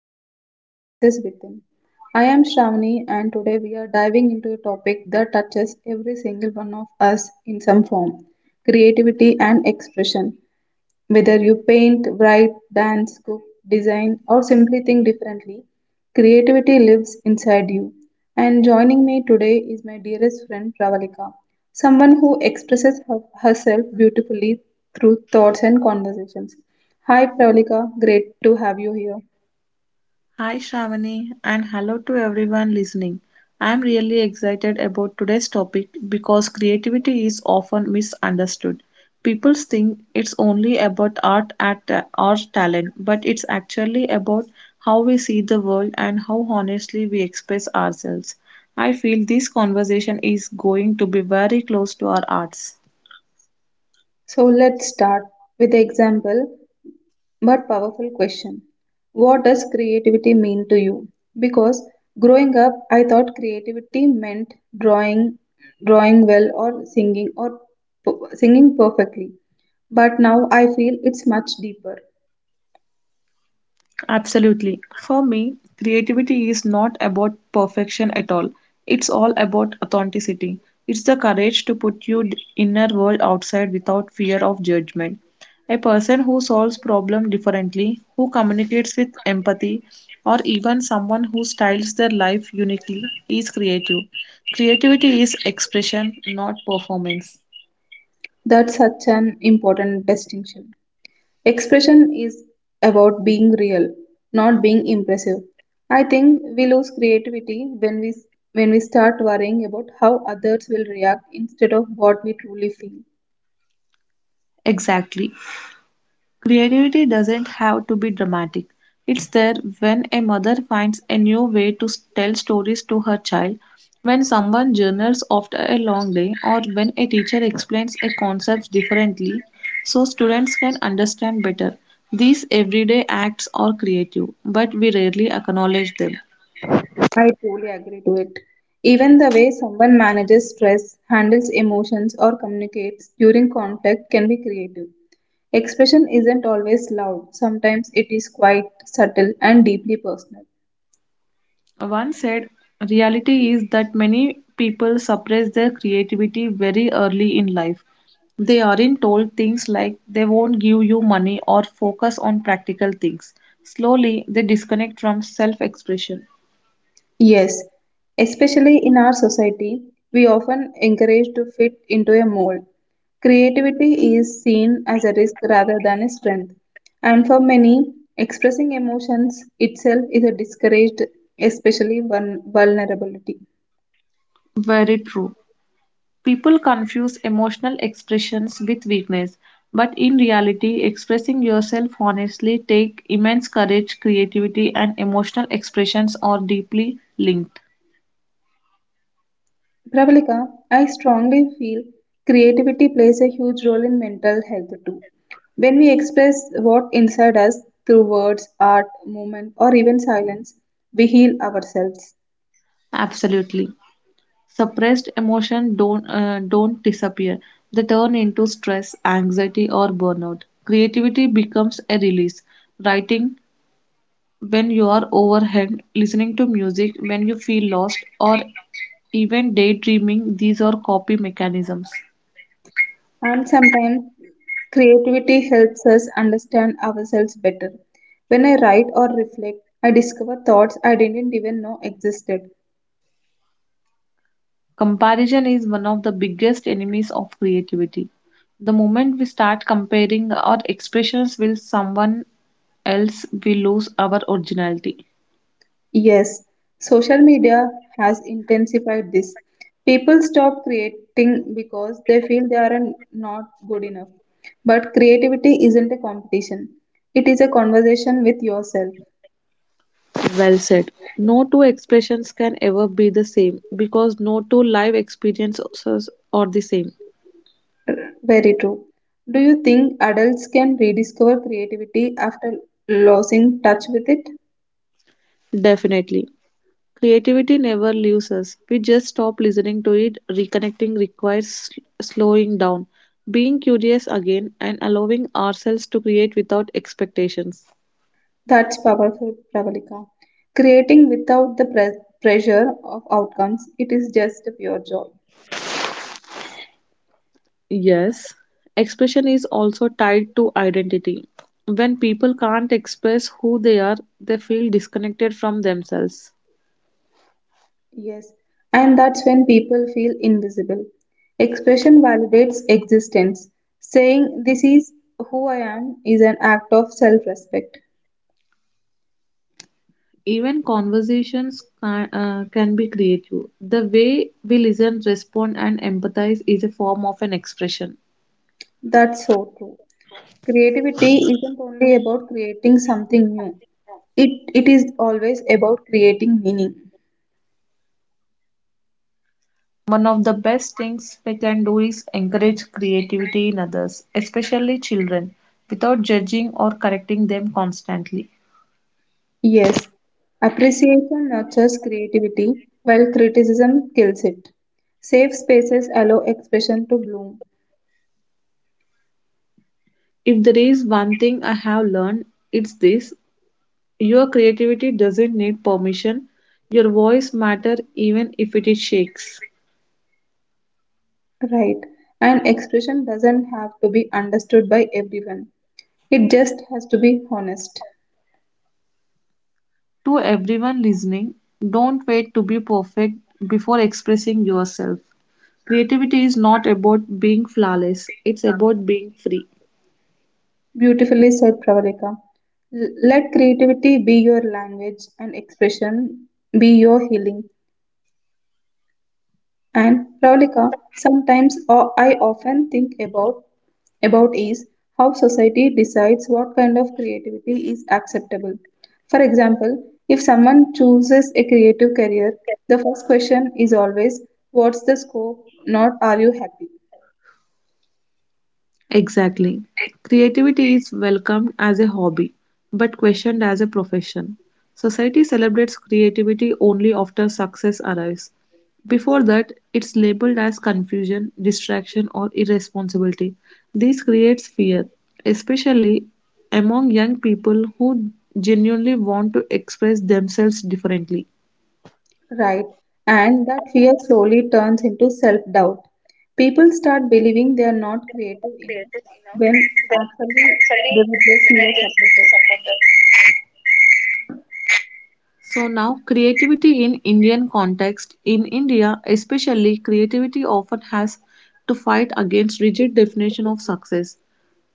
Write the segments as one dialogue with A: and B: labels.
A: welcome back to Voices Within. I am Shravani and today we are diving into a topic that touches every single one of us in some form creativity and expression. Whether you paint, write, dance, cook, design, or simply think differently, creativity lives inside you. And joining me today is my dearest friend Pravalika, someone who expresses herself beautifully through thoughts and conversations. Hi Pravalika, great to have you here.
B: Hi, Shravani, and hello to everyone listening. I am really excited about today's topic because creativity is often misunderstood. People think it's only about art at or talent, but it's actually about how we see the world and how honestly we express ourselves. I feel this conversation is going to be very close to our arts.
A: So let's start with the example. But powerful question. What does creativity mean to you? Because growing up, I thought creativity meant drawing, drawing well, or singing, or singing perfectly. But now I feel it's much deeper.
B: Absolutely. For me, creativity is not about perfection at all. It's all about authenticity. It's the courage to put your inner world outside without fear of judgment. A person who solves problems differently, who communicates with empathy, or even someone who styles their life uniquely is creative. Creativity is expression, not performance.
A: That's such an important distinction. Expression is about being real, not being impressive. I think we lose creativity when we start worrying about how others will react instead of what we truly feel.
B: Exactly. Creativity doesn't have to be dramatic. It's there when a mother finds a new way to tell stories to her child, when someone journals after a long day, or when a teacher explains a concept differently so students can understand better. These everyday acts are creative, but we rarely acknowledge them.
A: I truly agree to it. Even the way someone manages stress, handles emotions, or communicates during conflict can be creative. Expression isn't always loud, sometimes it is quite subtle and deeply personal.
B: One said, reality is that many people suppress their creativity very early in life. They aren't told things like they won't give you money or focus on practical things. Slowly, they disconnect from self expression.
A: Yes, especially in our society, we often encourage to fit into a mold. Creativity is seen as a risk rather than a strength, and for many, expressing emotions itself is a discouraged, especially vulnerability.
B: Very true. People confuse emotional expressions with weakness, but in reality, expressing yourself honestly takes immense courage, creativity, and emotional expressions are deeply linked.
A: Pravalika, I strongly feel creativity plays a huge role in mental health too. When we express what inside us through words, art, movement, or even silence, we heal ourselves.
B: Absolutely. Suppressed emotion don't disappear. They turn into stress, anxiety or burnout. Creativity becomes a release. Writing when you are overwhelmed, listening to music when you feel lost, or even daydreaming these are copy mechanisms.
A: And sometimes creativity helps us understand ourselves better. When I write or reflect, I discover thoughts I didn't even know existed.
B: Comparison is one of the biggest enemies of creativity. The moment we start comparing our expressions with someone else, we lose our originality.
A: Yes, social media has intensified this. People stop creating because they feel they are not good enough. But creativity isn't a competition, it is a conversation with yourself.
B: Well said. No two expressions can ever be the same because no two life experiences are the same.
A: Very true. Do you think adults can rediscover creativity after losing touch with it?
B: Definitely. Creativity never leaves us. We just stop listening to it. Reconnecting requires slowing down, being curious again, and allowing ourselves to create without expectations.
A: That's powerful, Pravalika. Creating without the pressure of outcomes, it is just a pure joy.
B: Yes, expression is also tied to identity. When people can't express who they are, they feel disconnected from themselves.
A: Yes, and that's when people feel invisible. Expression validates existence. Saying, this is who I am, is an act of self respect.
B: Even conversations can be creative. The way we listen, respond, and empathize is a form of an expression.
A: That's so true. Creativity isn't only about creating something new, it is always about creating meaning.
B: One of the best things we can do is encourage creativity in others, especially children, without judging or correcting them constantly.
A: Yes, appreciation nurtures creativity, while criticism kills it. Safe spaces allow expression to bloom.
B: If there is one thing I have learned, it's this: your creativity doesn't need permission, your voice matters even if it is shakes.
A: Right. And expression doesn't have to be understood by everyone. It just has to be honest.
B: To everyone listening, don't wait to be perfect before expressing yourself. Creativity is not about being flawless, it's about being free.
A: Beautifully said, Pravalika. Let creativity be your language and expression be your healing. And Pravalika, sometimes or I often think about is how society decides what kind of creativity is acceptable. For example, if someone chooses a creative career, the first question is always what's the scope, not are you happy?
B: Exactly. Creativity is welcomed as a hobby but questioned as a profession. Society celebrates creativity only after success arrives. Before that, it's labeled as confusion, distraction, or irresponsibility. This creates fear, especially among young people who genuinely want to express themselves differently.
A: Right? And that fear slowly turns into self-doubt. People start believing they are not creative enough when actually they were just mere supporters.
B: So now creativity in Indian context, in India especially, creativity often has to fight against rigid definition of success.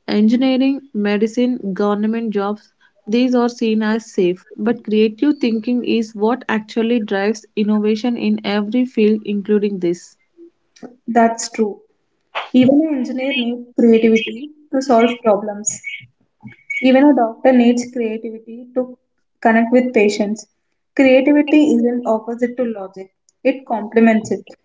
B: Engineering, medicine, government jobs, these are seen as safe, but creative thinking is what actually drives innovation in every field including this.
A: That's true. Even an engineer needs creativity to solve problems. Even a doctor needs creativity to connect with patients. Creativity isn't opposite to logic, it complements it.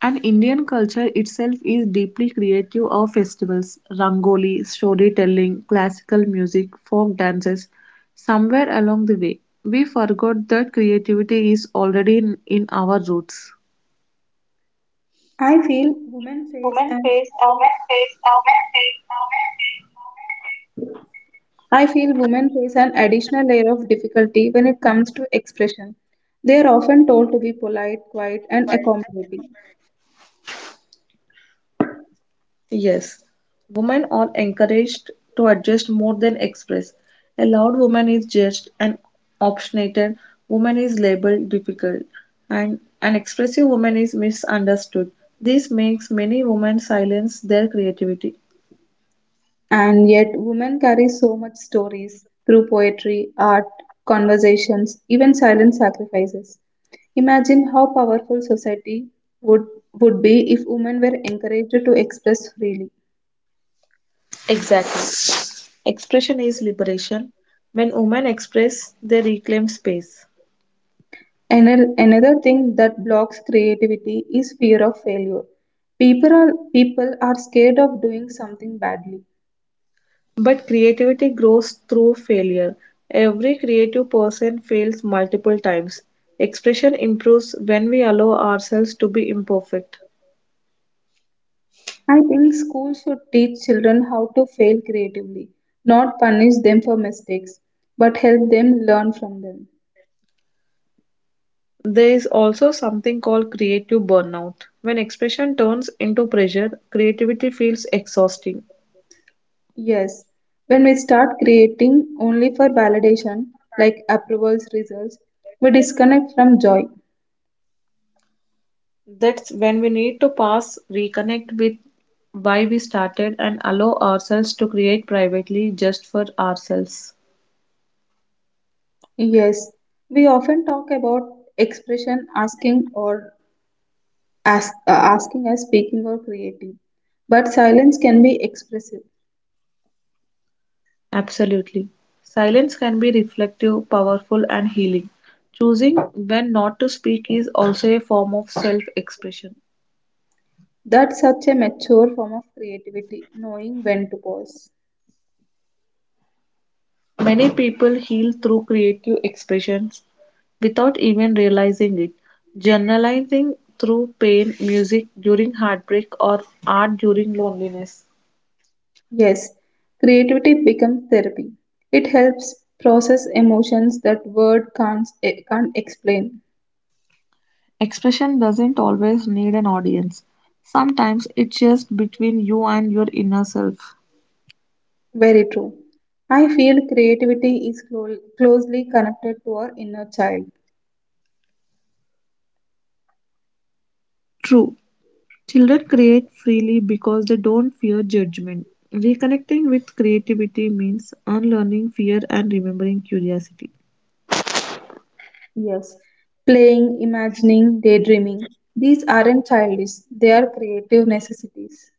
B: And Indian culture itself is deeply creative of festivals, rangoli, storytelling, classical music, folk dances. Somewhere along the way, we forgot that creativity is already in our roots.
A: I feel women face an I feel women face an additional layer of difficulty when it comes to expression. They are often told to be polite, quiet, and accommodating.
B: Yes, women are encouraged to adjust more than express. A loud woman is judged, an obstinate woman is labeled difficult, and an expressive woman is misunderstood. This makes many women silence their creativity.
A: And yet, women carry so much stories through poetry, art, conversations, even silent sacrifices. Imagine how powerful society would, would be if women were encouraged to express freely.
B: Exactly. Expression is liberation. When women express, they reclaim space.
A: Another thing that blocks creativity is fear of failure. People are scared of doing something badly.
B: But creativity grows through failure. Every creative person fails multiple times. Expression improves when we allow ourselves to be imperfect.
A: I think schools should teach children how to fail creatively, not punish them for mistakes, but help them learn from them.
B: There is also something called creative burnout. When expression turns into pressure, creativity feels exhausting.
A: Yes, when we start creating only for validation, like approvals, results, we disconnect from joy.
B: That's when we need to pause, reconnect with why we started, and allow ourselves to create privately just for ourselves.
A: Yes, we often talk about expression, asking or asking as speaking or creating, but silence can be expressive.
B: Absolutely. Silence can be reflective, powerful, and healing. Choosing when not to speak is also a form of self expression.
A: That's such a mature form of creativity, knowing when to pause.
B: Many people heal through creative expressions without even realizing it. Journalizing through pain, music during heartbreak, or art during loneliness.
A: Yes, creativity becomes therapy. It helps process emotions that word can't explain.
B: Expression doesn't always need an audience. Sometimes it's just between you and your inner self.
A: Very true. I feel creativity is closely connected to our inner child.
B: True. Children create freely because they don't fear judgment. Reconnecting with creativity means unlearning fear and remembering curiosity.
A: Yes. Playing, imagining, daydreaming. These aren't childish, they are creative necessities.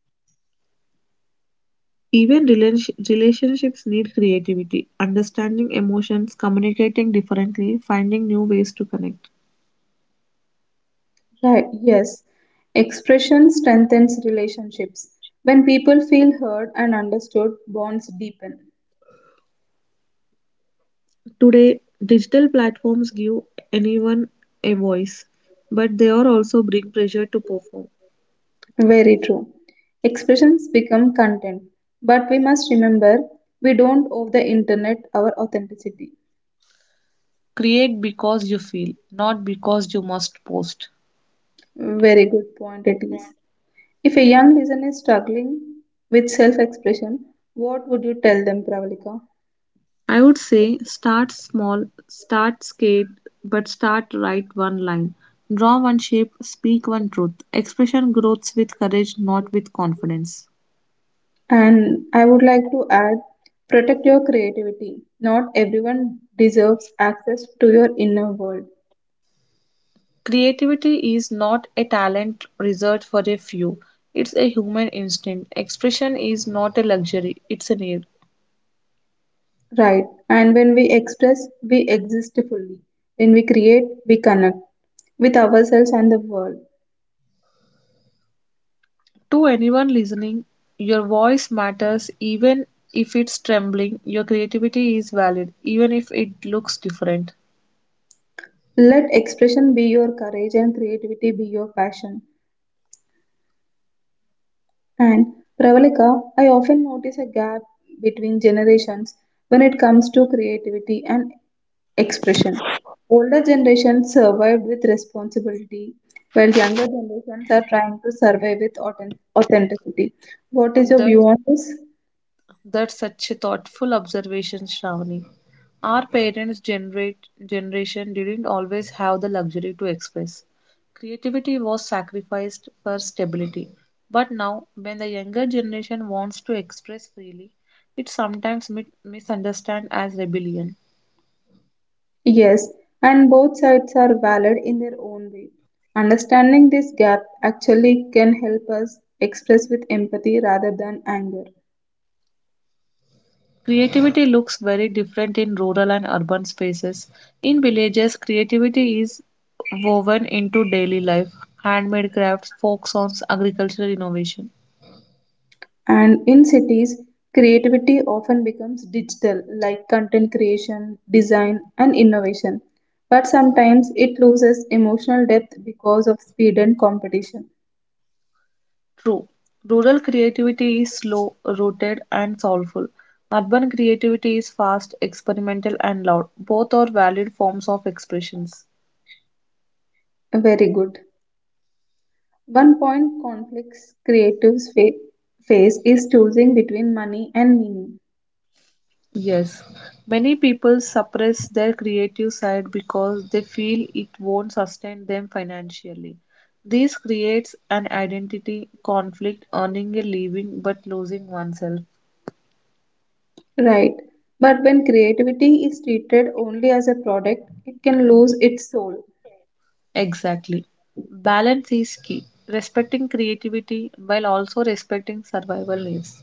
B: Even relationships need creativity, understanding emotions, communicating differently, finding new ways to connect.
A: Right. Yes. Expression strengthens relationships. When people feel heard and understood, bonds deepen.
B: Today, digital platforms give anyone a voice, but they are also bring pressure to perform.
A: Very true. Expressions become content. But we must remember we don't owe the internet our authenticity.
B: Create because you feel, not because you must post.
A: Very good point, it is. If a young listener is struggling with self expression, what would you tell them, Pravalika?
B: I would say start small, start scared, but start, write one line. Draw one shape, speak one truth. Expression grows with courage, not with confidence.
A: And I would like to add protect your creativity. Not everyone deserves access to your inner world.
B: Creativity is not a talent reserved for a few. It's a human instinct. Expression is not a luxury, it's a need.
A: Right. And when we express, we exist fully. When we create, we connect with ourselves and the world.
B: To anyone listening, your voice matters even if it's trembling. Your creativity is valid even if it looks different.
A: Let expression be your courage and creativity be your passion. And Pravalika, I often notice a gap between generations when it comes to creativity and expression. Older generations survived with responsibility, while younger generations are trying to survive with authenticity. What is your
B: That
A: view on this?
B: that's such a thoughtful observation, Shravani. Our generation didn't always have the luxury to express. Creativity was sacrificed for stability. But now, when the younger generation wants to express freely, it sometimes misunderstand as rebellion.
A: Yes, and both sides are valid in their own way. Understanding this gap actually can help us express with empathy rather than anger.
B: Creativity looks very different in rural and urban spaces. In villages, creativity is woven into daily life, handmade crafts, folk songs, agricultural innovation.
A: And in cities, creativity often becomes digital, like content creation, design, and innovation. But sometimes it loses emotional depth because of speed and competition.
B: True, rural creativity is slow, rooted, and soulful. Urban creativity is fast, experimental, and loud. Both are valid forms of expressions.
A: Very good. One point conflicts creatives face is choosing between money and meaning.
B: Yes, many people suppress their creative side because they feel it won't sustain them financially. This creates an identity conflict, earning a living but losing oneself.
A: Right. But when creativity is treated only as a product, it can lose its soul.
B: Exactly. Balance is key, respecting creativity while also respecting survival needs.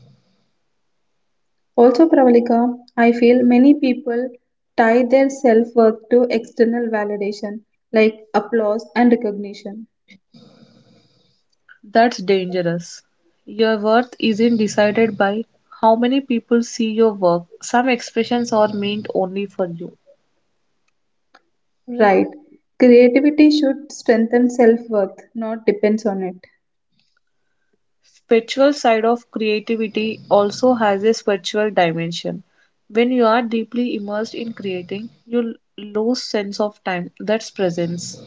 A: Also, Pravalika, I feel many people tie their self worth to external validation like applause and recognition.
B: That's dangerous. Your worth isn't decided by how many people see your work. Some expressions are meant only for you.
A: Right. Creativity should strengthen self worth, not depends on it.
B: Spiritual side of creativity also has a spiritual dimension. When you are deeply immersed in creating, you lose sense of time. That's presence.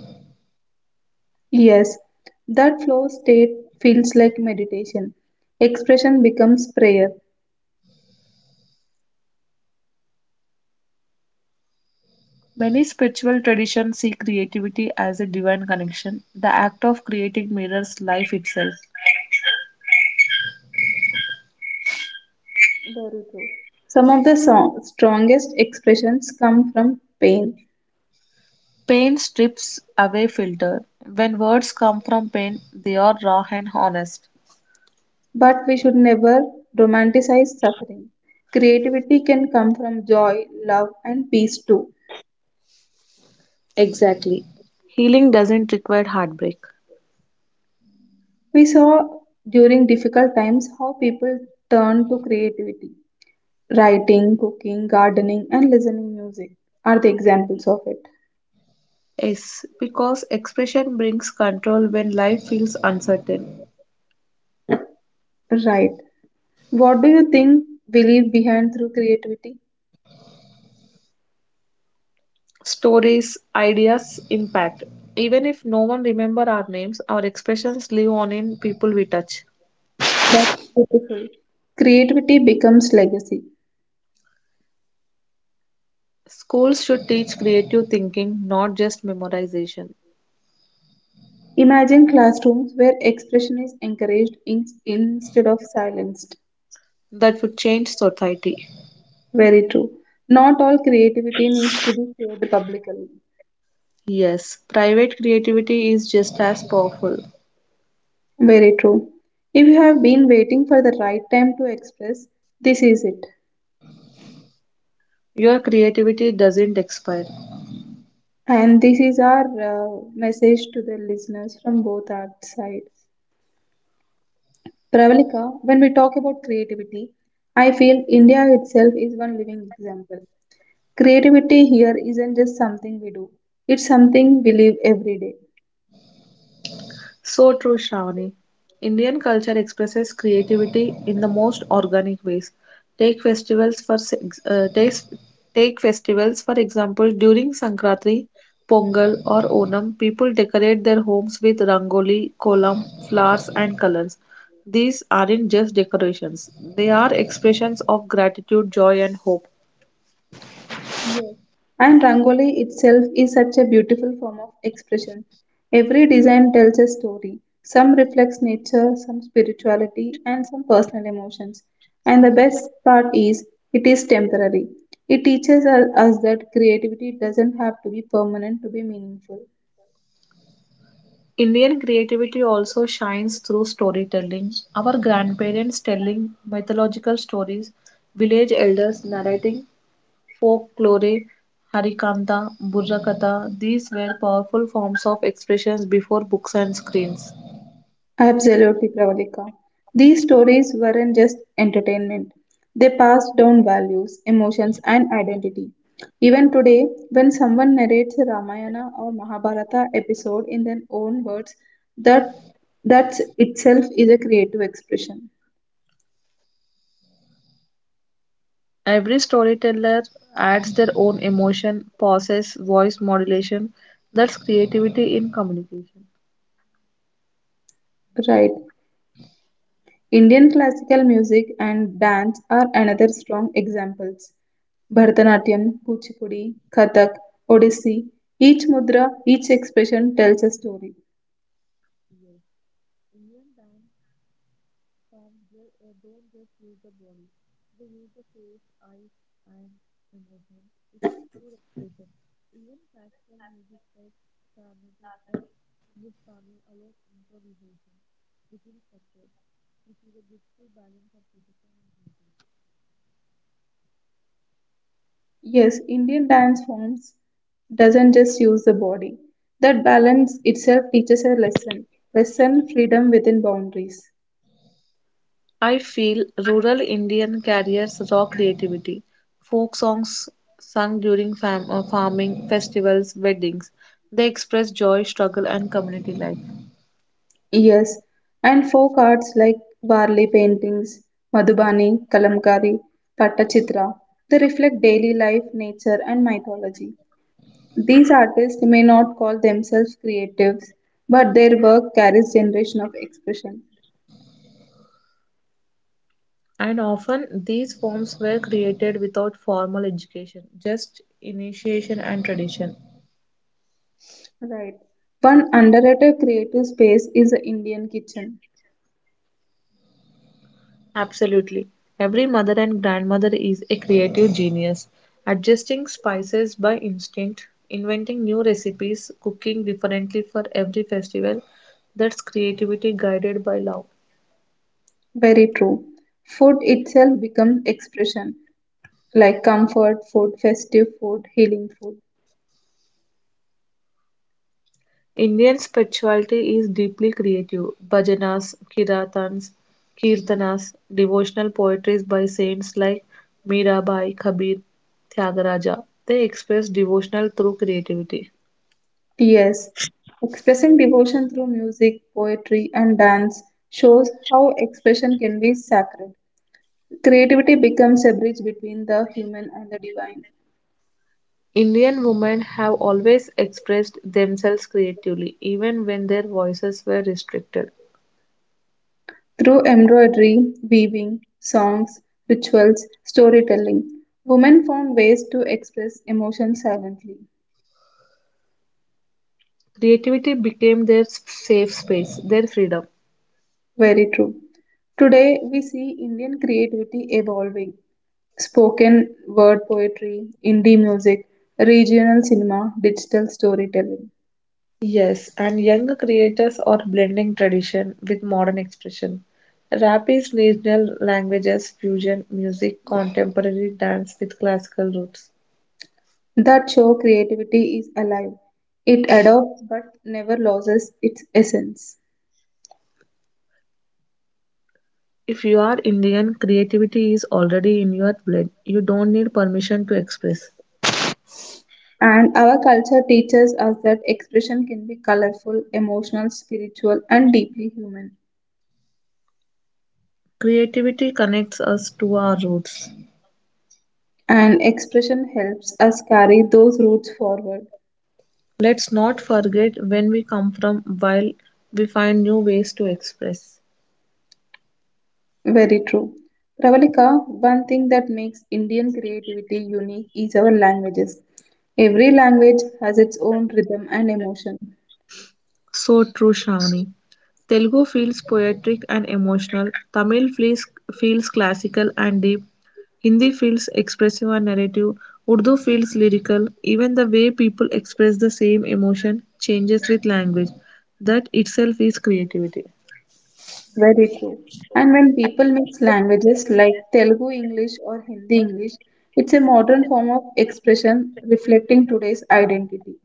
A: Yes, that flow state feels like meditation. Expression becomes prayer.
B: Many spiritual traditions see creativity as a divine connection. The act of creating mirrors life itself.
A: Very true. Some of the strongest expressions come from pain.
B: Pain strips away filter. When words come from pain, they are raw and honest.
A: But we should never romanticize suffering. Creativity can come from joy, love, and peace too.
B: Exactly, healing doesn't require heartbreak.
A: We saw during difficult times how people turn to creativity. Writing, cooking, gardening, and listening music are the examples of it.
B: Yes, because expression brings control when life feels uncertain.
A: Right. What do you think we leave behind through creativity?
B: Stories, ideas, impact. Even if no one remember our names, our expressions live on in people we touch.
A: That's beautiful. Creativity becomes legacy.
B: Schools should teach creative thinking, not just memorization.
A: Imagine classrooms where expression is encouraged instead of silenced.
B: That would change society.
A: Very true. Not all creativity needs to be shared publicly.
B: Yes, private creativity is just as powerful.
A: Very true. If you have been waiting for the right time to express, this is it.
B: Your creativity doesn't expire.
A: And this is our message to the listeners from both our side. Pravalika, when we talk about creativity, I feel India itself is one living example. Creativity here isn't just something we do, it's something we live every day.
B: So true, Shravani. Indian culture expresses creativity in the most organic ways. Take festivals for s- uh, take, take festivals for example during Sankranti, Pongal or Onam, people decorate their homes with rangoli, kolam, flowers and colors. These aren't just decorations; they are expressions of gratitude, joy and hope.
A: Yes. And Rangoli itself is such a beautiful form of expression. Every design tells a story. Some reflects nature, some spirituality, and some personal emotions. And the best part is, it is temporary. It teaches us that creativity doesn't have to be permanent to be meaningful.
B: Indian creativity also shines through storytelling. Our grandparents telling mythological stories, village elders narrating folklore, harikanta, burrakatha, these were powerful forms of expressions before books and screens.
A: Absolutely, Pravalika. These stories weren't just entertainment, they passed down values, emotions, and identity. Even today, when someone narrates a Ramayana or Mahabharata episode in their own words, that that itself is a creative expression.
B: Every storyteller adds their own emotion, pauses, voice modulation. That's creativity in communication.
A: Right. Indian classical music and dance are another strong examples. Bharatanatyam, Kuchipudi, Kathak, Odissi, each mudra, each expression tells a story.
B: Fans don't just use the body, they use the face, eyes, and emotions. It's a pure expression. Even classical music like Carnatic and Hindustani allows improvisation within structure, which is a beautiful balance of physical and creative.
A: Yes, Indian dance forms doesn't just use the body. That balance itself teaches a lesson. Lesson freedom within boundaries.
B: I feel rural Indian carriers raw creativity. Folk songs sung during farming, festivals, weddings. They express joy, struggle, and community life.
A: Yes, and folk arts like Varli paintings, Madhubani, Kalamkari, Pattachitra, they reflect daily life, nature, and mythology. These artists may not call themselves creatives, but their work carries generation of expression.
B: And often these forms were created without formal education, just initiation and tradition.
A: Right. One underrated creative space is the Indian kitchen.
B: Absolutely. Every mother and grandmother is a creative genius, adjusting spices by instinct, inventing new recipes, cooking differently for every festival. That's creativity guided by love.
A: Very true. Food itself becomes expression, like comfort food, festive food, healing food.
B: Indian spirituality is deeply creative. Kirtanas, devotional poetries by saints like Mirabai, Kabir, Tyagaraja. They express devotional through creativity.
A: Yes, expressing devotion through music, poetry, and dance shows how expression can be sacred. Creativity becomes a bridge between the human and the divine.
B: Indian women have always expressed themselves creatively, even when their voices were restricted.
A: Through embroidery, weaving, songs, rituals, storytelling, women found ways to express emotion silently.
B: Creativity became their safe space, their freedom.
A: Very true. Today, we see Indian creativity evolving. Spoken word poetry, indie music, regional cinema, digital storytelling.
B: Yes, and younger creators are blending tradition with modern expression. Rap is regional languages, fusion, music, contemporary dance with classical roots.
A: That show creativity is alive. It adopts but never loses its essence.
B: If you are Indian, creativity is already in your blood. You don't need permission to express.
A: And our culture teaches us that expression can be colorful, emotional, spiritual, and deeply human.
B: Creativity connects us to our roots.
A: And expression helps us carry those roots forward.
B: Let's not forget when we come from while we find new ways to express.
A: Very true. Pravalika, one thing that makes Indian creativity unique is our languages. Every language has its own rhythm and emotion.
B: So true, Shravani. Telugu feels poetic and emotional. Feels classical and deep. Hindi feels expressive and narrative. Urdu feels lyrical. Even the way people express the same emotion changes with language. That itself is creativity.
A: Very true. And when people mix languages like Telugu English or Hindi English, it's a modern form of expression reflecting today's identity.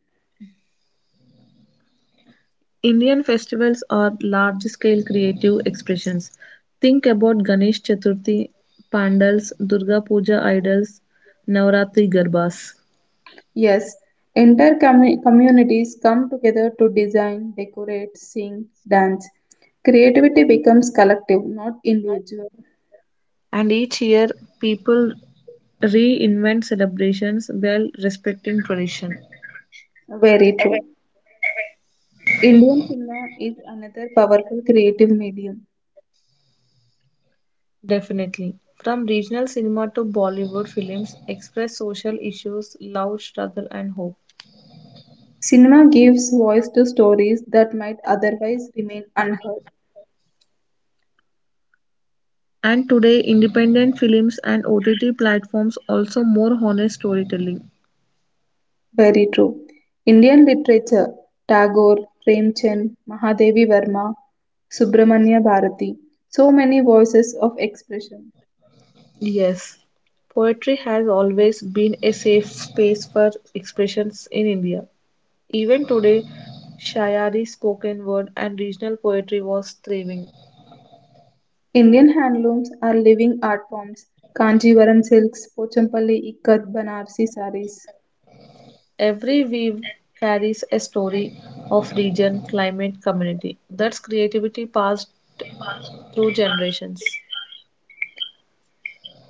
B: Indian festivals are large scale creative expressions. Think about Ganesh Chaturthi, pandals, Durga Puja idols, Navratri garbas.
A: Yes, entire communities come together to design, decorate, sing, dance. Creativity becomes collective, not individual.
B: And each year, people reinvent celebrations while respecting tradition.
A: Very true. Indian cinema is another powerful creative medium.
B: Definitely. From regional cinema to Bollywood films, express social issues, love, struggle, and hope.
A: Cinema gives voice to stories that might otherwise remain unheard.
B: And today, independent films and OTT platforms also more honest storytelling.
A: Very true. Indian literature, Tagore, Premchand, Mahadevi Verma, Subramanya Bharathi, so many voices of expression.
B: Yes, poetry has always been a safe space for expressions in India. Even today, Shayari spoken word and regional poetry was thriving.
A: Indian handlooms are living art forms. Kanjivaram silks, Pochampally ikat, Banarsi saris.
B: Every weave carries a story of region, climate, community. That's creativity passed through generations.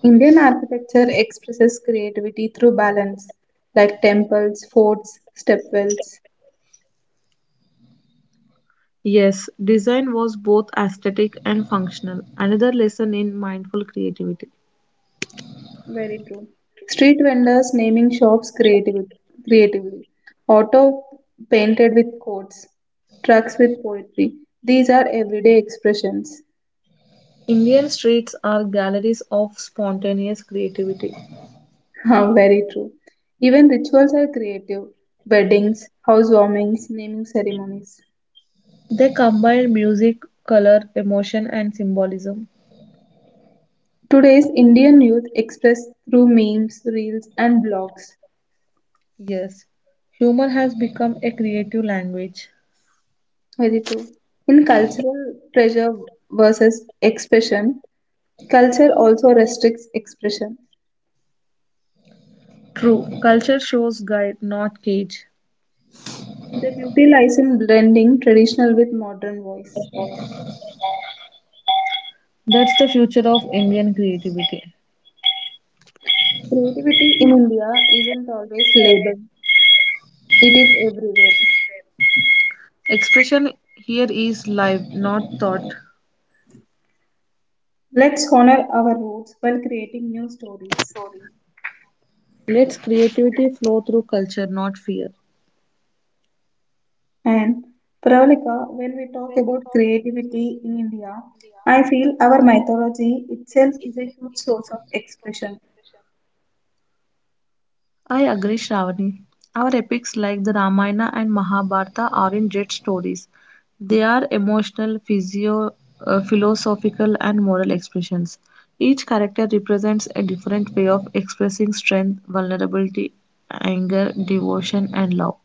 A: Indian architecture expresses creativity through balance, like temples, forts, stepwells.
B: Yes, design was both aesthetic and functional, another lesson in mindful creativity.
A: Very true. Street vendors naming shops creatively. Auto painted with quotes. Trucks with poetry. These are everyday expressions.
B: Indian streets are galleries of spontaneous creativity.
A: How Very true. Even rituals are creative. Weddings, housewarmings, naming ceremonies.
B: They combine music, color, emotion, and symbolism.
A: Today's Indian youth express through memes, reels, and blogs.
B: Yes, humor has become a creative language.
A: Very true. In cultural pressure versus expression, culture also restricts expression.
B: True, culture shows guide, not cage.
A: The beauty lies in blending traditional with modern voice.
B: That's the future of Indian creativity.
A: Creativity in India isn't always labeled, it is everywhere.
B: Expression here is live, not thought.
A: Let's honor our roots while creating new stories.
B: Let's creativity flow through culture, not fear.
A: And Pravalika, when we talk about creativity in India, I feel our mythology itself is a huge source of expression.
B: I agree, Shravani. Our epics like the Ramayana and Mahabharata are in jet stories. They are emotional, philosophical, and moral expressions. Each character represents a different way of expressing strength, vulnerability, anger, devotion, and love.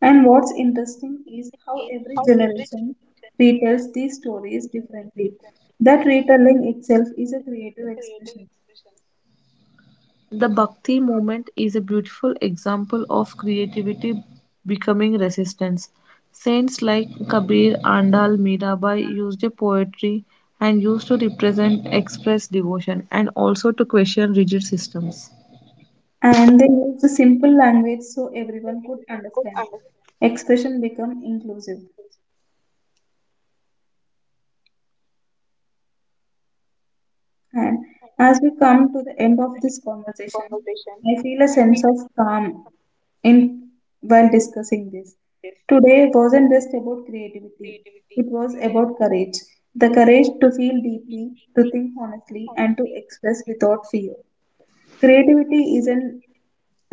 A: And what's interesting is how every generation retells these stories differently. That retelling itself is a creative expression,
B: The Bhakti movement is a beautiful example of creativity becoming resistance. Saints like Kabir, Andal, Mirabai used a poetry and used to represent express devotion and also to question rigid systems.
A: and they use the simple language so everyone could understand. Expression become inclusive. And as we come to the end of this conversation, I feel a sense of calm in while discussing this. Today wasn't just about creativity, it was about courage. The courage to feel deeply, to think honestly, and to express without fear. Creativity isn't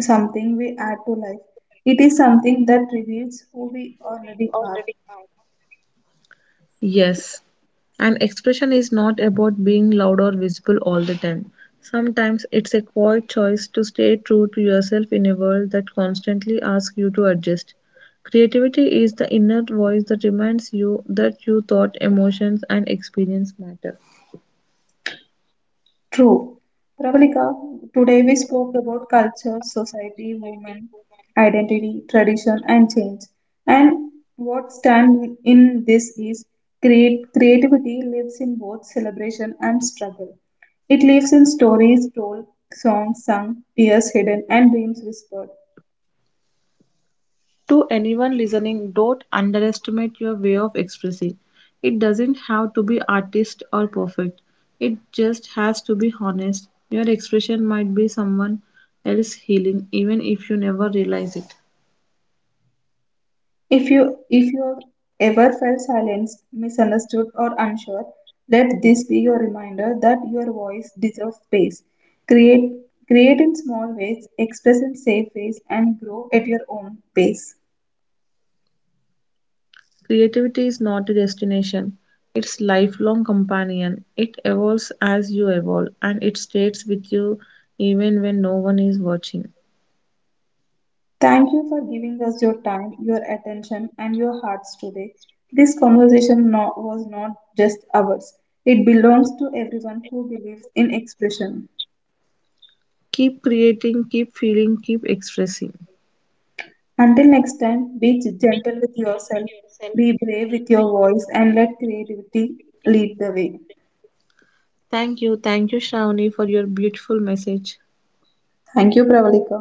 A: something we add to life, it is something that reveals who we already are.
B: Yes, an expression is not about being loud or visible all the time. Sometimes it's a quiet choice to stay true to yourself in a world that constantly asks you to adjust. Creativity is the inner voice that reminds you that you thought, emotions, and experience matter.
A: True. Pravalika, today we spoke about culture, society, women, identity, tradition, and change. And what stands in this is creativity lives in both celebration and struggle. It lives in stories told, songs sung, tears hidden, and dreams whispered.
B: To anyone listening, don't underestimate your way of expressing. It doesn't have to be artist or perfect. It just has to be honest. Your expression might be someone else healing, even if you never realize it.
A: If you have ever felt silenced, misunderstood or unsure, let this be your reminder that your voice deserves space. Create Create in small ways, express in safe ways and grow at your own pace.
B: Creativity is not a destination. It's lifelong companion. It evolves as you evolve and it stays with you even when no one is watching.
A: Thank you for giving us your time, your attention and your hearts today. This conversation was not just ours. It belongs to everyone who believes in expression.
B: Keep creating, keep feeling, keep expressing.
A: Until next time, be gentle with yourself, be brave with your voice, and let creativity lead the way.
B: Thank you. Thank you, Shravani, for your beautiful message.
A: Thank you, Pravalika.